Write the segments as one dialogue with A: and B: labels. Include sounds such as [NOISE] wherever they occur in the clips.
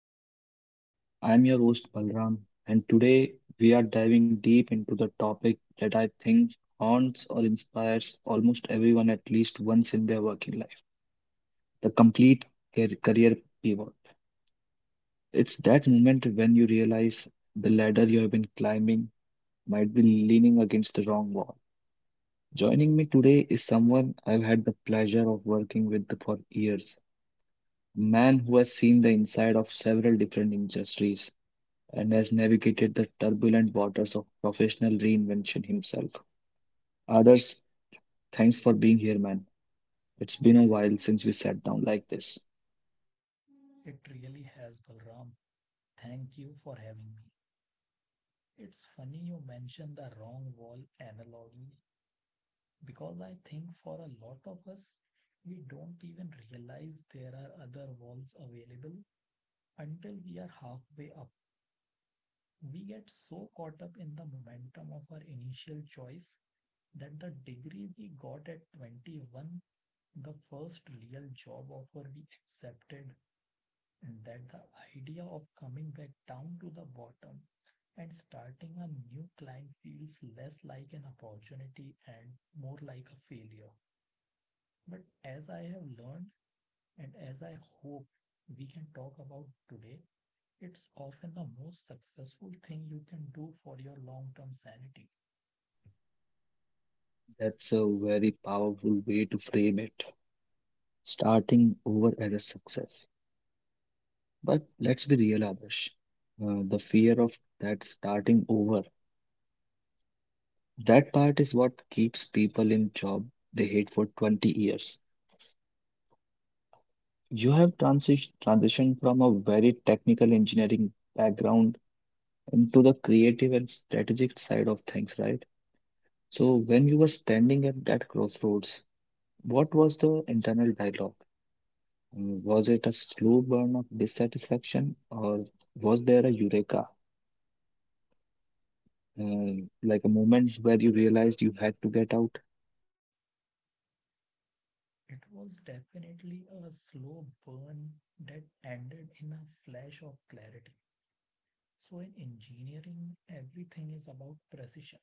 A: our podcast. I am your host Balram, and today we are diving deep into the topic that I think haunts or inspires almost everyone at least once in their working life, the complete career pivot. It's that moment when you realize the ladder you have been climbing might be leaning against the wrong wall. Joining me today is someone I've had the pleasure of working with for years, a man who has seen the inside of several different industries and has navigated the turbulent waters of professional reinvention himself. Others, thanks for being here, man. It's been a while since we sat down like this.
B: It really has, Balram. Thank you for having me. It's funny you mentioned the wrong wall analogy because I think for a lot of us, we don't even realize there are other walls available until we are halfway up. We get so caught up in the momentum of our initial choice that the degree we got at 21, the first real job offer we accepted, that the idea of coming back down to the bottom and starting a new climb feels less like an opportunity and more like a failure. But as I have learned and as I hope we can talk about today, it's often the most successful thing you can do for your long term sanity.
A: That's a very powerful way to frame it. Starting over as a success. But let's be real, Adarsh. The fear of that starting over, that part is what keeps people in job they hate for 20 years. You have transitioned from a very technical engineering background and to the creative and strategic side of things, right? So when you were standing at that crossroads, what was the internal dialogue? Was it a slow burn of dissatisfaction, or was there a eureka, like a moment where you realized you had to get out?
B: It was definitely a slow burn that ended in a flash of clarity. So in engineering, everything is about precision,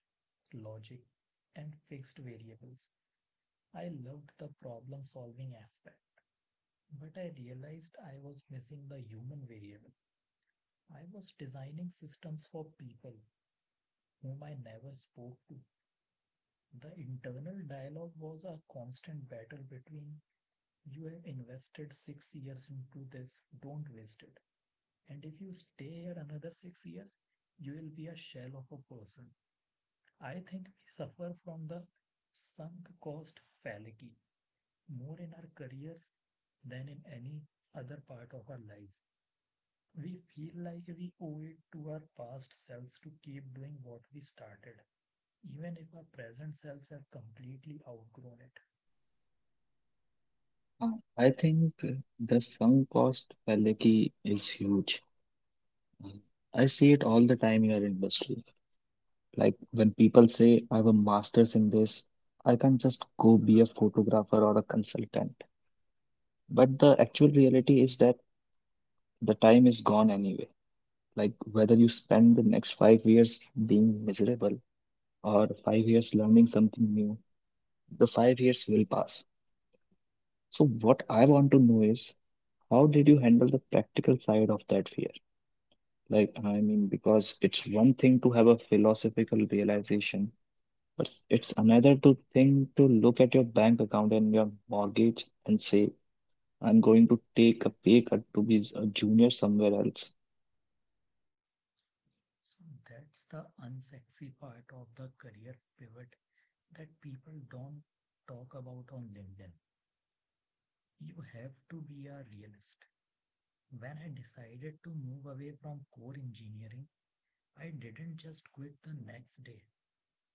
B: logic, and fixed variables. I loved the problem solving aspect, but I realized I was missing the human variable. I was designing systems for people whom I never spoke to. The internal dialogue was a constant battle between you have invested 6 years into this, don't waste it. And if you stay here another 6 years, you will be a shell of a person. I think we suffer from the sunk cost fallacy more in our careers than in any other part of our lives. We feel like we owe it to our past selves to keep doing what we started, even if our present selves have completely outgrown it.
A: I think the sunk cost fallacy is huge. Uh, I see it all the time in our industry. Like when people say, I have a master's in this, I can't just go be a photographer or a consultant. But the actual reality is that the time is gone anyway. Like whether you spend the next 5 years being miserable or 5 years learning something new, the 5 years will pass. So what I want to know is how did you handle the practical side of that fear? Like, I mean, because it's one thing to have a philosophical realization, but it's another to thing to look at your bank account and your mortgage and say, I'm going to take a pay cut to be a junior somewhere else.
B: So that's the unsexy part of the career pivot that people don't talk about on LinkedIn. You have to be a realist. When I decided to move away from core engineering, I didn't just quit the next day.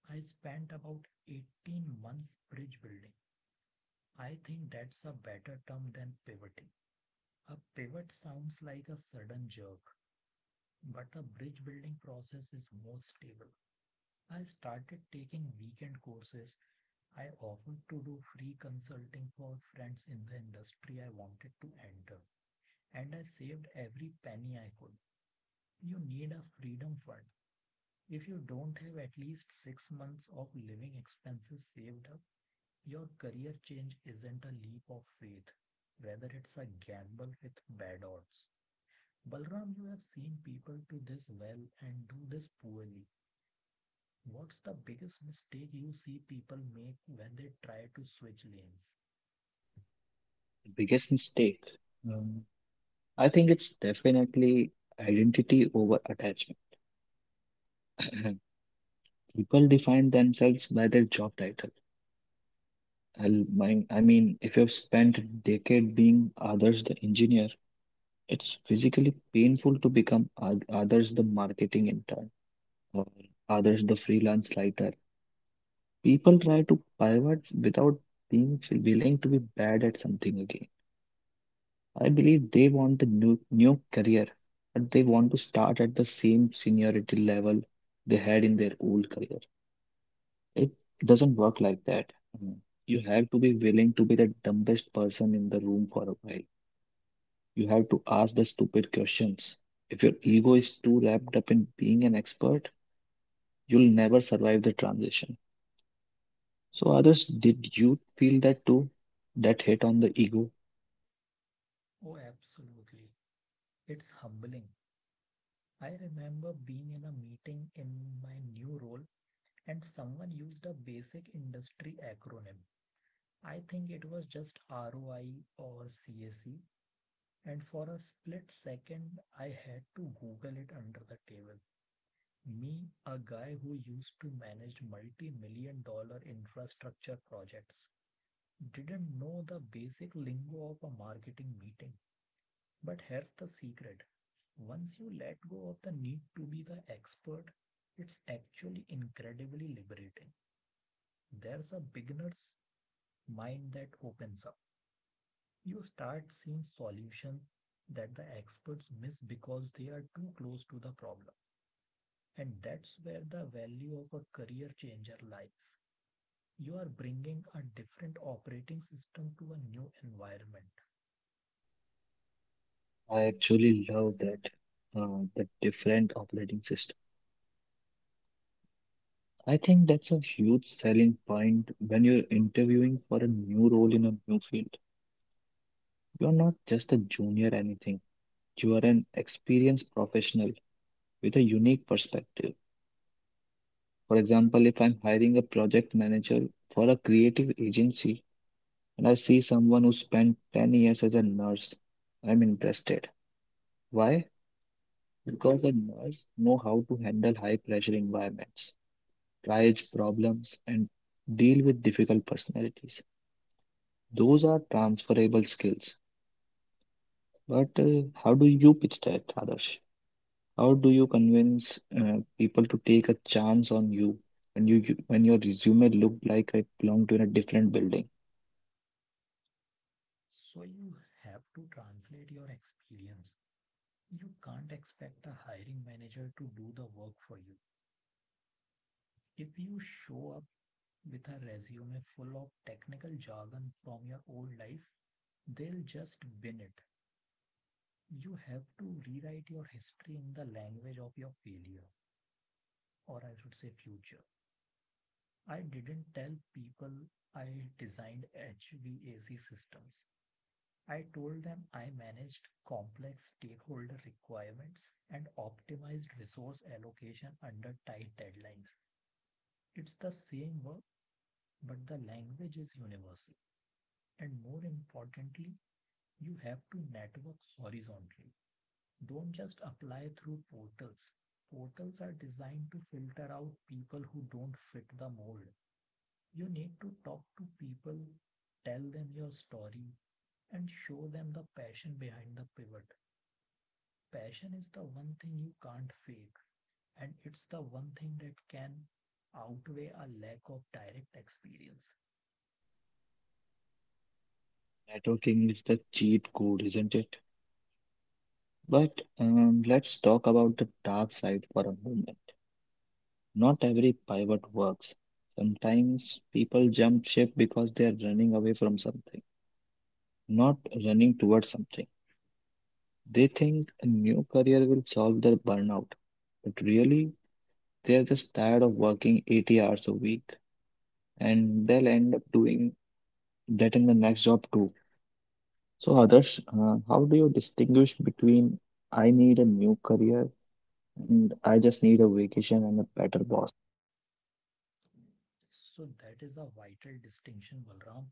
B: I spent about 18 months bridge building. I think that's a better term than pivoting. A pivot sounds like a sudden jerk, but a bridge building process is more stable. I started taking weekend courses. I offered to do free consulting for friends in the industry I wanted to enter, and I saved every penny I could. You need a freedom fund. If you don't have at least 6 months of living expenses saved up, your career change isn't a leap of faith. Rather, it's a gamble with bad odds. Balram, you have seen people do this well and do this poorly. What's the biggest mistake you see people make when they try to switch lanes?
A: The biggest mistake, um, I think it's definitely identity over attachment. [CLEARS THROAT] People define themselves by their job title. I mean, if you've spent a decade being others the engineer, it's physically painful to become others the marketing intern or others the freelance writer. People try to pivot without being willing to be bad at something again. I believe they want the new career, but they want to start at the same seniority level they had in their old career. It doesn't work like that. Mm. You have to be willing to be the dumbest person in the room for a while. You have to ask the stupid questions. If your ego is too wrapped up in being an expert, you'll never survive the transition. So, others, did you feel that too? That hit on the ego?
B: Oh, absolutely. It's humbling. I remember being in a meeting in my new role and someone used a basic industry acronym. I think it was just ROI or CAC. And for a split second, I had to Google it under the table. Me, a guy who used to manage multi million-dollar infrastructure projects, didn't know the basic lingo of a marketing meeting. But here's the secret: once you let go of the need to be the expert, it's actually incredibly liberating. There's a beginner's mind that opens up. You start seeing solutions that the experts miss because they are too close to the problem. And that's where the value of a career changer lies. You are bringing a different operating system to a new environment.
A: I actually love that, the different operating system. I think that's a huge selling point when you're interviewing for a new role in a new field. You're not just a junior anything. You are an experienced professional with a unique perspective. For example, if I'm hiring a project manager for a creative agency and I see someone who spent 10 years as a nurse, I'm interested. Why? Because a nurse know how to handle high pressure environments, triage problems, and deal with difficult personalities. Those are transferable skills. But how do you pitch that, Adarsh? How do you convince people to take a chance on you when when your resume looked like it belonged to a different building?
B: So you have to translate your experience. You can't expect a hiring manager to do the work for you. If you show up with a resume full of technical jargon from your old life, they'll just bin it. You have to rewrite your history in the language of your failure, or I should say future. I didn't tell people I designed HVAC systems. I told them I managed complex stakeholder requirements and optimized resource allocation under tight deadlines. It's the same work, but the language is universal. And more importantly, you have to network horizontally. Don't just apply through portals. Portals are designed to filter out people who don't fit the mold. You need to talk to people, tell them your story, and show them the passion behind the pivot. Passion is the one thing you can't fake, and it's the one thing that can outweigh a lack of direct experience.
A: Networking is the cheat code, isn't it? But let's talk about the dark side for a moment. Not every pivot works. Sometimes people jump ship because they are running away from something, not running towards something. They think a new career will solve their burnout, but really they're just tired of working 80 hours a week and they'll end up doing that in the next job too. So, Adarsh, how do you distinguish between I need a new career and I just need a vacation and a better boss?
B: So, that is a vital distinction, Balram.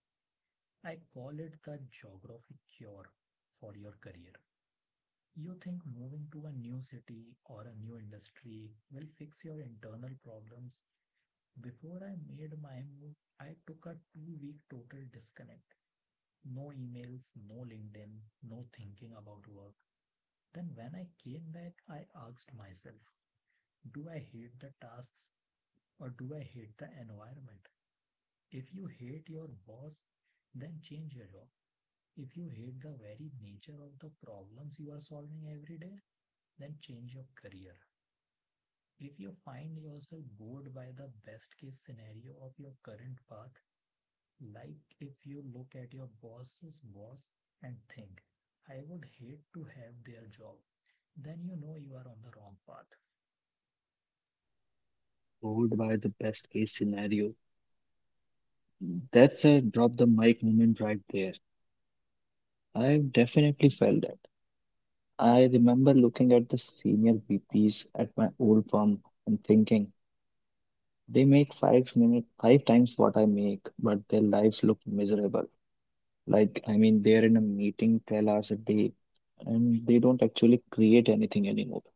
B: I call it the geographic cure for your career. You think moving to a new city or a new industry will fix your internal problems? Before I made my move, I took a 2 week total disconnect. No emails, no LinkedIn, no thinking about work. Then, when I came back, I asked myself, do I hate the tasks or do I hate the environment? If you hate your boss, then change your job. If you hate the very nature of the problems you are solving every day, then change your career. If you find yourself bored by the best case scenario of your current path, like if you look at your boss's boss and think, I would hate to have their job, then you know you are on the wrong path.
A: Followed by the best case scenario. That's a drop the mic moment right there. I've definitely felt that. I remember looking at the senior VPs at my old firm and thinking, they make five times what I make, but their lives look miserable. Like, I mean, they're in a meeting 12 hours a day and they don't actually create anything anymore.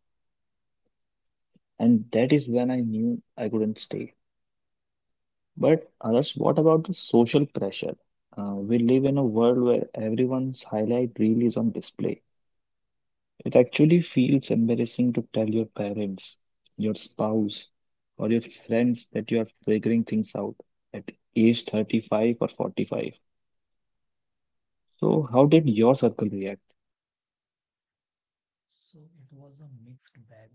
A: And that is when I knew I couldn't stay. But others, what about the social pressure? We live in a world where everyone's highlight reel is on display. It actually feels embarrassing to tell your parents, your spouse, or your friends that you are figuring things out at age 35 or 45. So, how did your circle react?
B: So it was a mixed bag.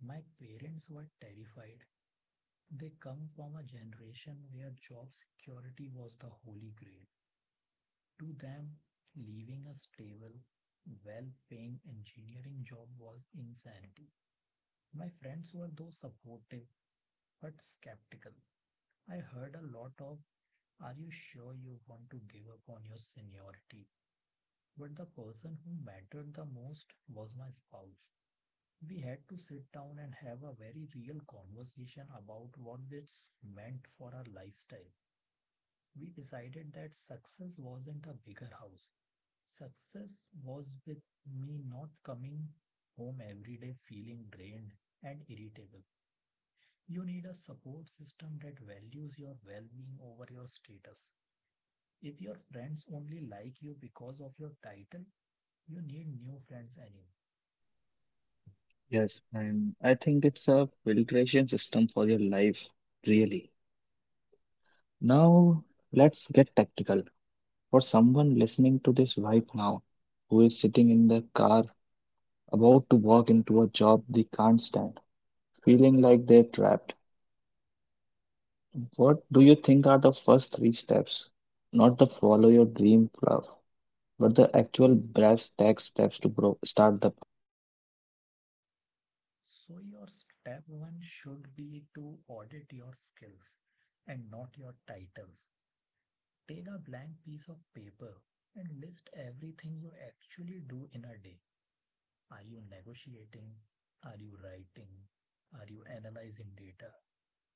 B: My parents were terrified. They come from a generation where job security was the holy grail. To them, leaving a stable, well paying engineering job was insanity. My friends were though supportive but skeptical. I heard a lot of, are you sure you want to give up on your seniority? But the person who mattered the most was my spouse. We had to sit down and have a very real conversation about what this meant for our lifestyle. We decided that success wasn't a bigger house. Success was with me not coming home every day feeling drained and irritable. You need a support system that values your well being over your status. If your friends only like you because of your title, you need new friends anyway.
A: Yes, and I think it's a filtration system for your life, really. Now, let's get tactical. For someone listening to this right now, who is sitting in the car about to walk into a job they can't stand, feeling like they're trapped, what do you think are the first three steps? Not the follow your dream fluff, but the actual brass tack steps to bro start the.
B: So, your step one should be to audit your skills and not your titles. Take a blank piece of paper and list everything you actually do in a day. Are you negotiating? Are you writing? Are you analyzing data?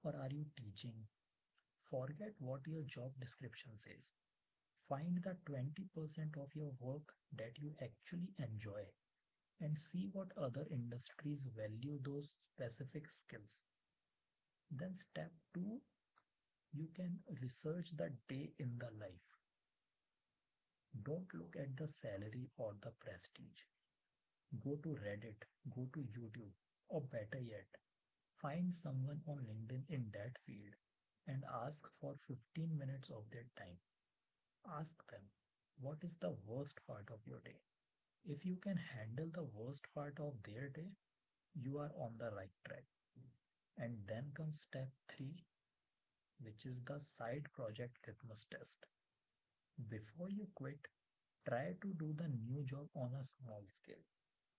B: Or are you teaching? Forget what your job description says. Find the 20% of your work that you actually enjoy and see what other industries value those specific skills. Then, step two, you can research the day in the life. Don't look at the salary or the prestige. Go to Reddit, go to YouTube, or better yet, find someone on LinkedIn in that field and ask for 15 minutes of their time. Ask them, what is the worst part of your day? If you can handle the worst part of their day, you are on the right track. And then comes step three, which is the side project litmus test. Before you quit, try to do the new job on a small scale.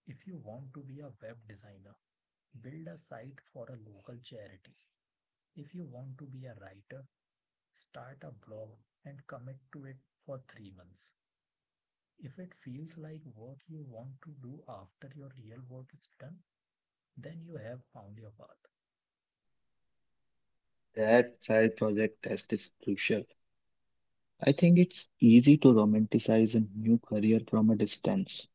B: If you want to be a web designer, build a site for a local charity. If you want to be a writer, start a blog and commit to it for 3 months. If it feels like work you want to do after your real work is done, then you have found your path.
A: That side project test is crucial. I think it's easy to romanticize a new career from a distance.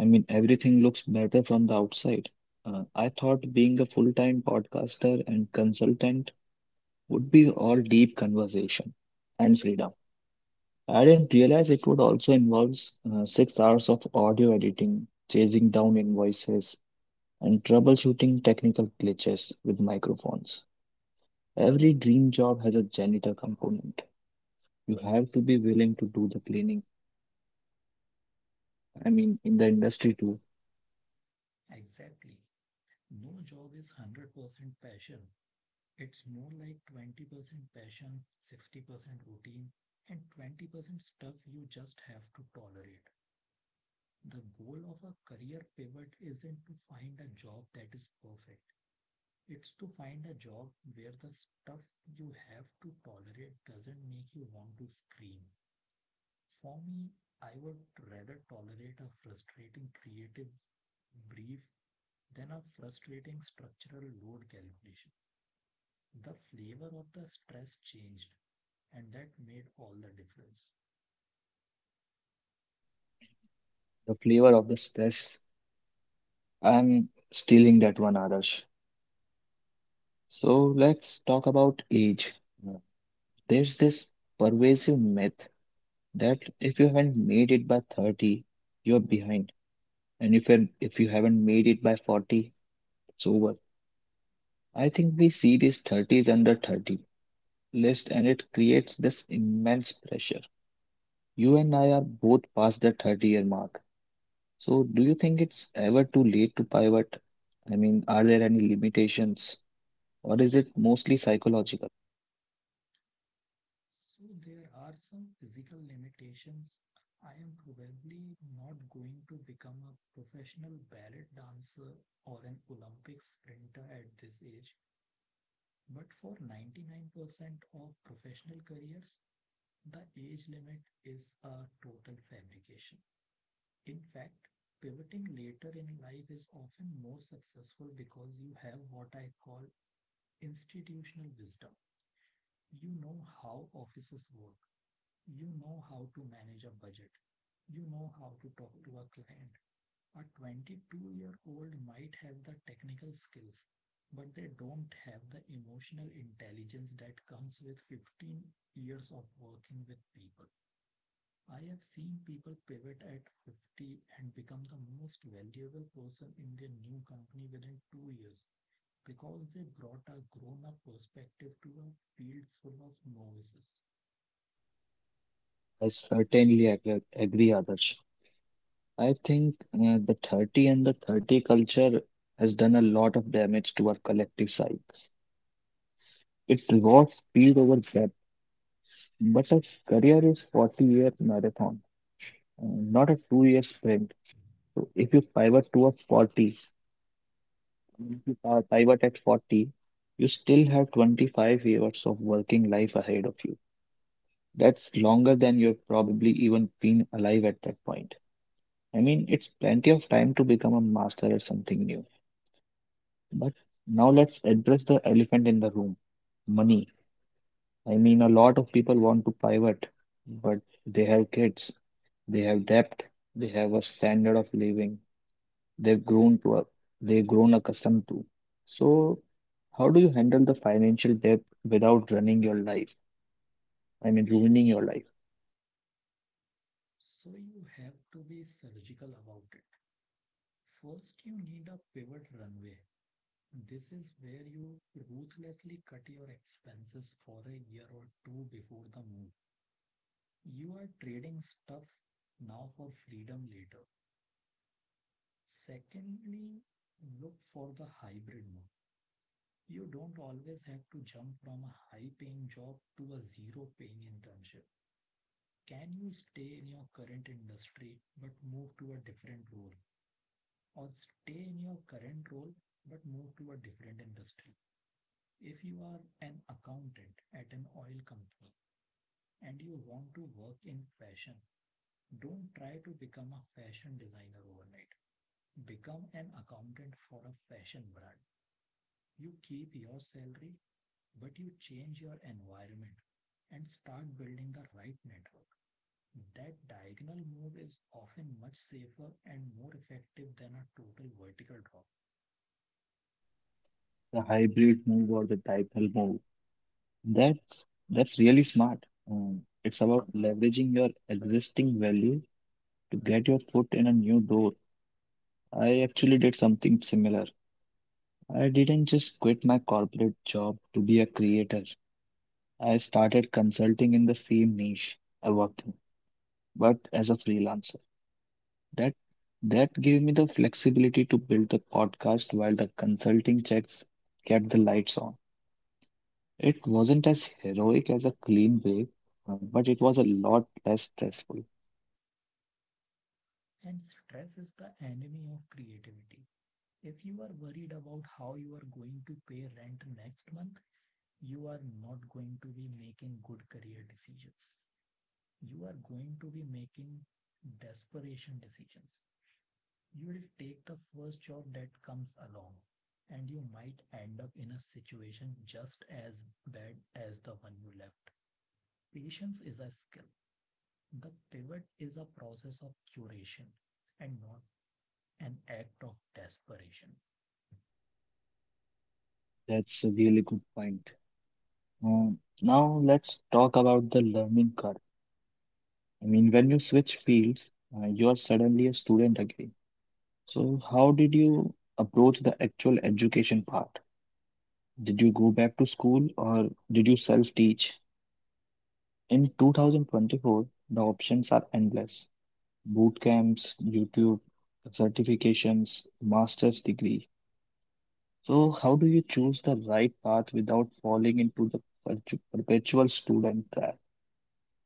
A: I mean, everything looks better from the outside. I thought being a full-time podcaster and consultant would be all deep conversation and freedom. I didn't realize it would also involve 6 hours of audio editing, chasing down invoices, and troubleshooting technical glitches with microphones. Every dream job has a janitor component. You have to be willing to do the cleaning, I mean, in the industry too.
B: Exactly. No job is 100% passion. It's more like 20% passion, 60% routine, and 20% stuff you just have to tolerate. The goal of a career pivot isn't to find a job that is perfect. It's to find a job where the stuff you have to tolerate doesn't make you want to scream. For me, I would rather tolerate a frustrating creative brief then a frustrating structural load calculation. The flavor of the stress changed, and that made all the difference.
A: The flavor of the stress. I'm stealing that one, Adarsh. So let's talk about age. Uh, There's this pervasive myth that if you haven't made it by 30, you're behind. And if you haven't made it by 40, it's over. I think we see this 30s under 30 list and it creates this immense pressure. You and I are both past the 30-year mark. So, do you think it's ever too late to pivot? I mean, are there any limitations, or is it mostly psychological?
B: So there are some physical limitations. I am probably not going to become a professional ballet dancer or an Olympic sprinter at this age. But for 99% of professional careers, the age limit is a total fabrication. In fact, pivoting later in life is often more successful because you have what I call institutional wisdom. You know how offices work, you know how to manage a budget, you know how to talk to a client. A 22-year-old might have the technical skills, but they don't have the emotional intelligence that comes with 15 years of working with people. I have seen people pivot at 50 and become the most valuable person in their new company within 2 years because they brought a grown up perspective to a field full of novices.
A: I certainly agree Adarsh. I think the 30 and the 30 culture has done a lot of damage to our collective psyche. It rewards speed over depth, but a career is 40-year marathon, not a 2 year sprint. So if you pivot towards 40, if I pivot at 40, you still have 25 years of working life ahead of you. That's longer than you've probably even been alive at that point. I mean, it's plenty of time to become a master at something new. But now let's address the elephant in the room, money. I mean, a lot of people want to pivot, but they have kids, they have debt, they have a standard of living they've grown to a, they've grown accustomed to. So, how do you handle the financial debt without running your life? I mean, ruining your life.
B: So you have to be surgical about it. First, you need a pivot runway. This is where you ruthlessly cut your expenses for a year or two before the move. You are trading stuff now for freedom later. Secondly, look for the hybrid move. You don't always have to jump from a high paying job to a zero paying internship. Can you stay in your current industry but move to a different role? Or stay in your current role but move to a different industry? If you are an accountant at an oil company and you want to work in fashion, don't try to become a fashion designer overnight. Become an accountant for a fashion brand. You keep your salary, but you change your environment and start building the right network. That diagonal move is often much safer and more effective than a total vertical drop.
A: The hybrid move or the diagonal move. That's really smart. It's about leveraging your existing value to get your foot in a new door. I actually did something similar. I didn't just quit my corporate job to be a creator. I started consulting in the same niche I worked in, but as a freelancer. That that gave me the flexibility to build the podcast while the consulting checks kept the lights on. It wasn't as heroic as a clean break, but it was a lot less stressful.
B: And stress is the enemy of creativity. If you are worried about how you are going to pay rent next month, you are not going to be making good career decisions. You are going to be making desperation decisions. You will take the first job that comes along, and you might end up in a situation just as bad as the one you left. Patience is a skill. The pivot is a process of curation and not an act of desperation.
A: That's a really good point. Now let's talk about the learning curve. I mean, when you switch fields, you are suddenly a student again. So how did you approach the actual education part? Did you go back to school or did you self-teach? In 2024, the options are endless: boot camps, YouTube, certifications, master's degree. So, how do you choose the right path without falling into the perpetual student trap,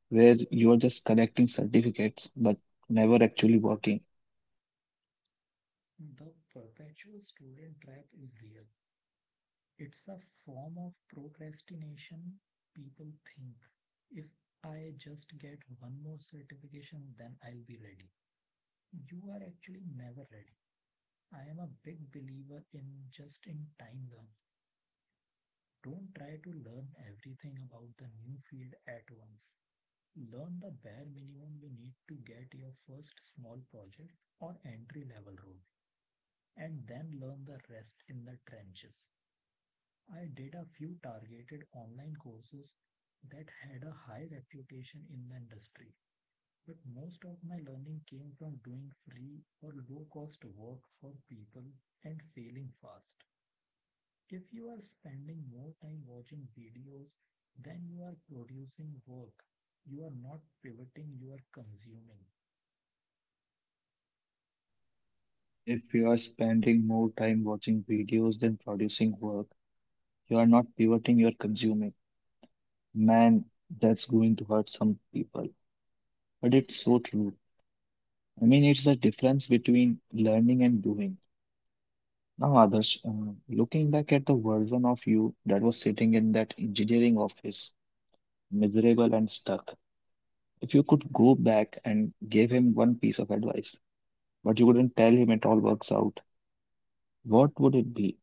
A: where you are just collecting certificates but never actually working?
B: The perpetual student trap is real. It's a form of procrastination. People think, if I just get one more certification, then I'll be ready. You are actually never ready. I am a big believer in just in time learning. Don't try to learn everything about the new field at once. Learn the bare minimum you need to get your first small project or entry level role, and then learn the rest in the trenches. I did a few targeted online courses that had a high reputation in the industry, but most of my learning came from doing free or low cost work for people and failing fast. If you are spending more time watching videos than you are producing work, you are not pivoting, you are consuming.
A: If you are spending more time watching videos than producing work, you are not pivoting, you are consuming. Man, that's going to hurt some people, but it's so true. I mean, it's the difference between learning and doing. Now, others, looking back at the version of you that was sitting in that engineering office, miserable and stuck, if you could go back and give him one piece of advice, but you couldn't tell him it all works out, what would it be?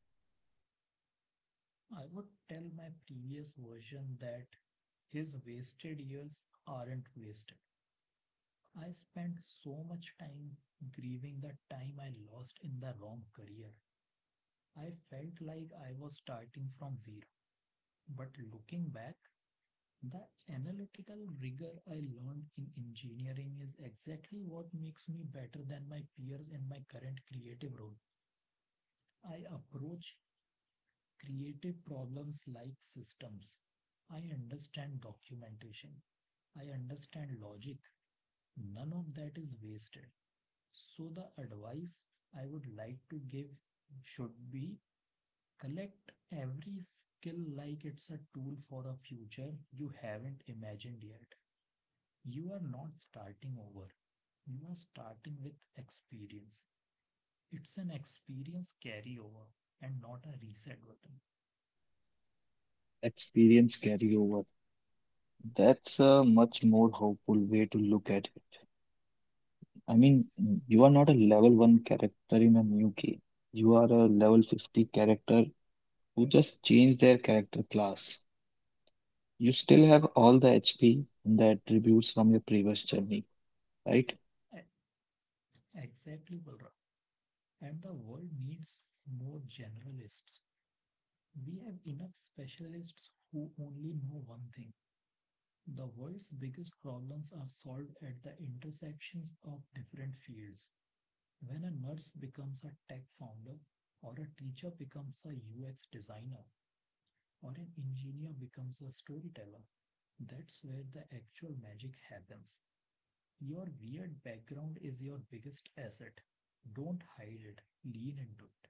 B: I would tell my previous version that his wasted years aren't wasted. I spent so much time grieving the time I lost in the wrong career. I felt like I was starting from zero. But looking back, the analytical rigor I learned in engineering is exactly what makes me better than my peers in my current creative role. I approach creative problems like systems. I understand documentation. I understand logic. None of that is wasted. So, the advice I would like to give should be: collect every skill like it's a tool for a future you haven't imagined yet. You are not starting over. You are starting with experience. It's an experience carryover and not a reset button.
A: Experience carryover. That's a much more hopeful way to look at it. I mean, you are not a level one character in a new game. You are a level 50 character who just changed their character class. You still have all the HP and the attributes from your previous journey, right?
B: Exactly, Balram. And the world needs more generalists. We have enough specialists who only know one thing. The world's biggest problems are solved at the intersections of different fields. When a nurse becomes a tech founder, or a teacher becomes a UX designer, or an engineer becomes a storyteller. That's where the actual magic happens. Your weird background is your biggest asset. Don't hide it, lean into it.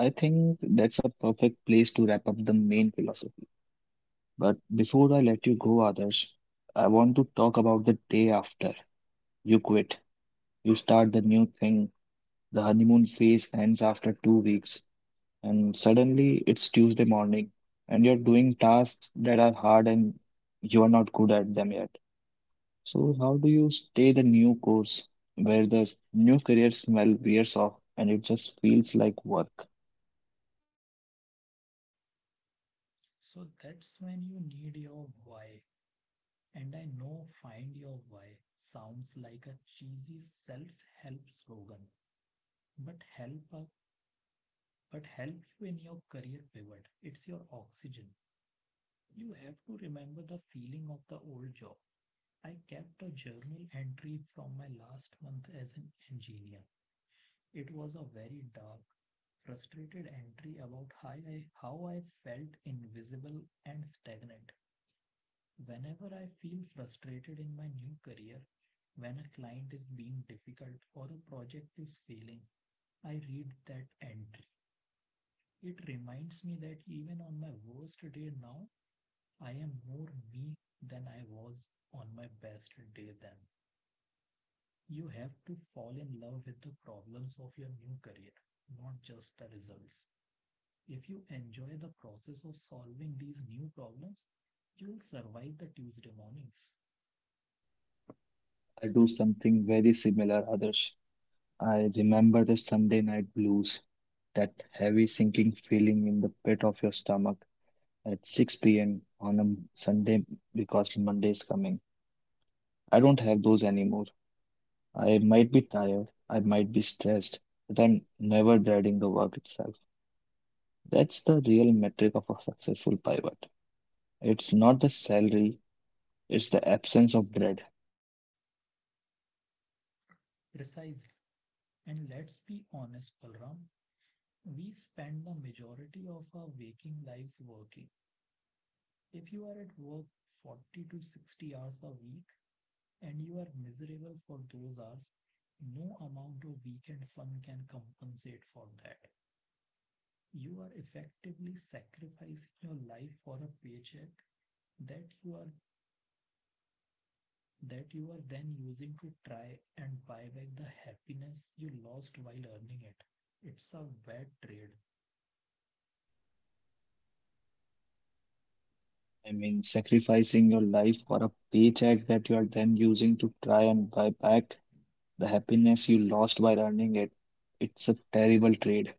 A: I think that's a perfect place to wrap up the main philosophy. But before I let you go, others, I want to talk about the day after you quit. You start the new thing. The honeymoon phase ends after 2 weeks, and suddenly it's Tuesday morning, and you're doing tasks that are hard and you are not good at them yet. So how do you stay the new course where the new career smell wears off and it just feels like work?
B: So that's when you need your why. And I know find your why sounds like a cheesy self-help slogan, but help you in your career pivot. It's your oxygen. You have to remember the feeling of the old job. I kept a journal entry from my last month as an engineer. It was a very dark, frustrated entry about how I felt invisible and stagnant. Whenever I feel frustrated in my new career, when a client is being difficult or a project is failing, I read that entry. It reminds me that even on my worst day now, I am more me than I was on my best day then. You have to fall in love with the problems of your new career, not just the results. If you enjoy the process of solving these new problems, you'll survive the Tuesday mornings.
A: I do something very similar, others. I remember the Sunday night blues, that heavy sinking feeling in the pit of your stomach at 6 p.m. on a Sunday because Monday is coming. I don't have those anymore. I might be tired, I might be stressed, but I'm never dreading the work itself. That's the real metric of a successful pivot. It's not the salary, it's the absence of dread.
B: Precisely. And let's be honest, Balram, we spend the majority of our waking lives working. If you are at work 40 to 60 hours a week and you are miserable for those hours, no amount of weekend fun can compensate for that. You are effectively sacrificing your life for a paycheck that you are that you are then using to try and buy back the happiness you lost while earning it. It's a bad trade.
A: I mean, sacrificing your life for a paycheck that you are then using to try and buy back the happiness you lost by earning it. It's a terrible trade.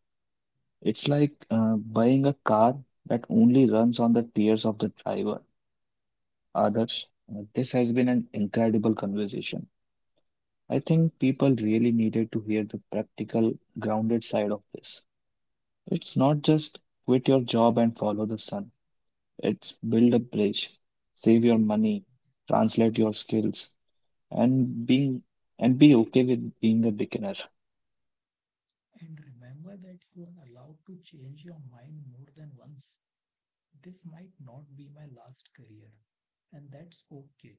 A: It's like buying a car that only runs on the tears of the driver. Others, this has been an incredible conversation. I think people really needed to hear the practical, grounded side of this. It's not just quit your job and follow the sun. It's build a bridge, save your money, translate your skills, and being and be okay with being a beginner.
B: And remember that you are allowed to change your mind more than once. This might not be my last career. And that's okay.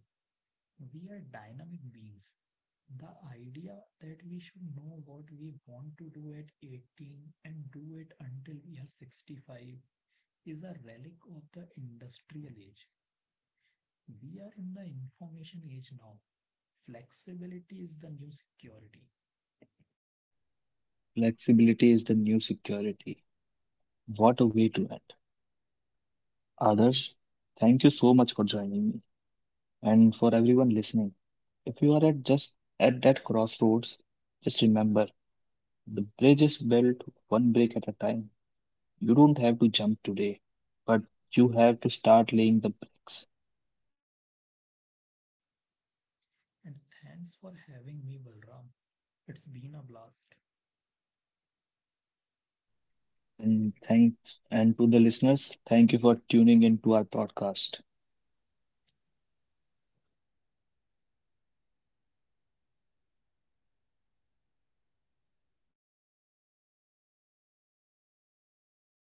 B: We are dynamic beings. The idea that we should know what we want to do at 18 and do it until we are 65 is a relic of the industrial age. We are in the information age now. Flexibility is the new security.
A: Flexibility is the new security. What a way to end. Others, thank you so much for joining me and for everyone listening. If you are at that crossroads, just remember the bridge is built one brick at a time. You don't have to jump today, but you have to start laying the bricks.
B: And thanks for having me, Balram. It's been a blast.
A: And thanks, and to the listeners, thank you for tuning into our podcast.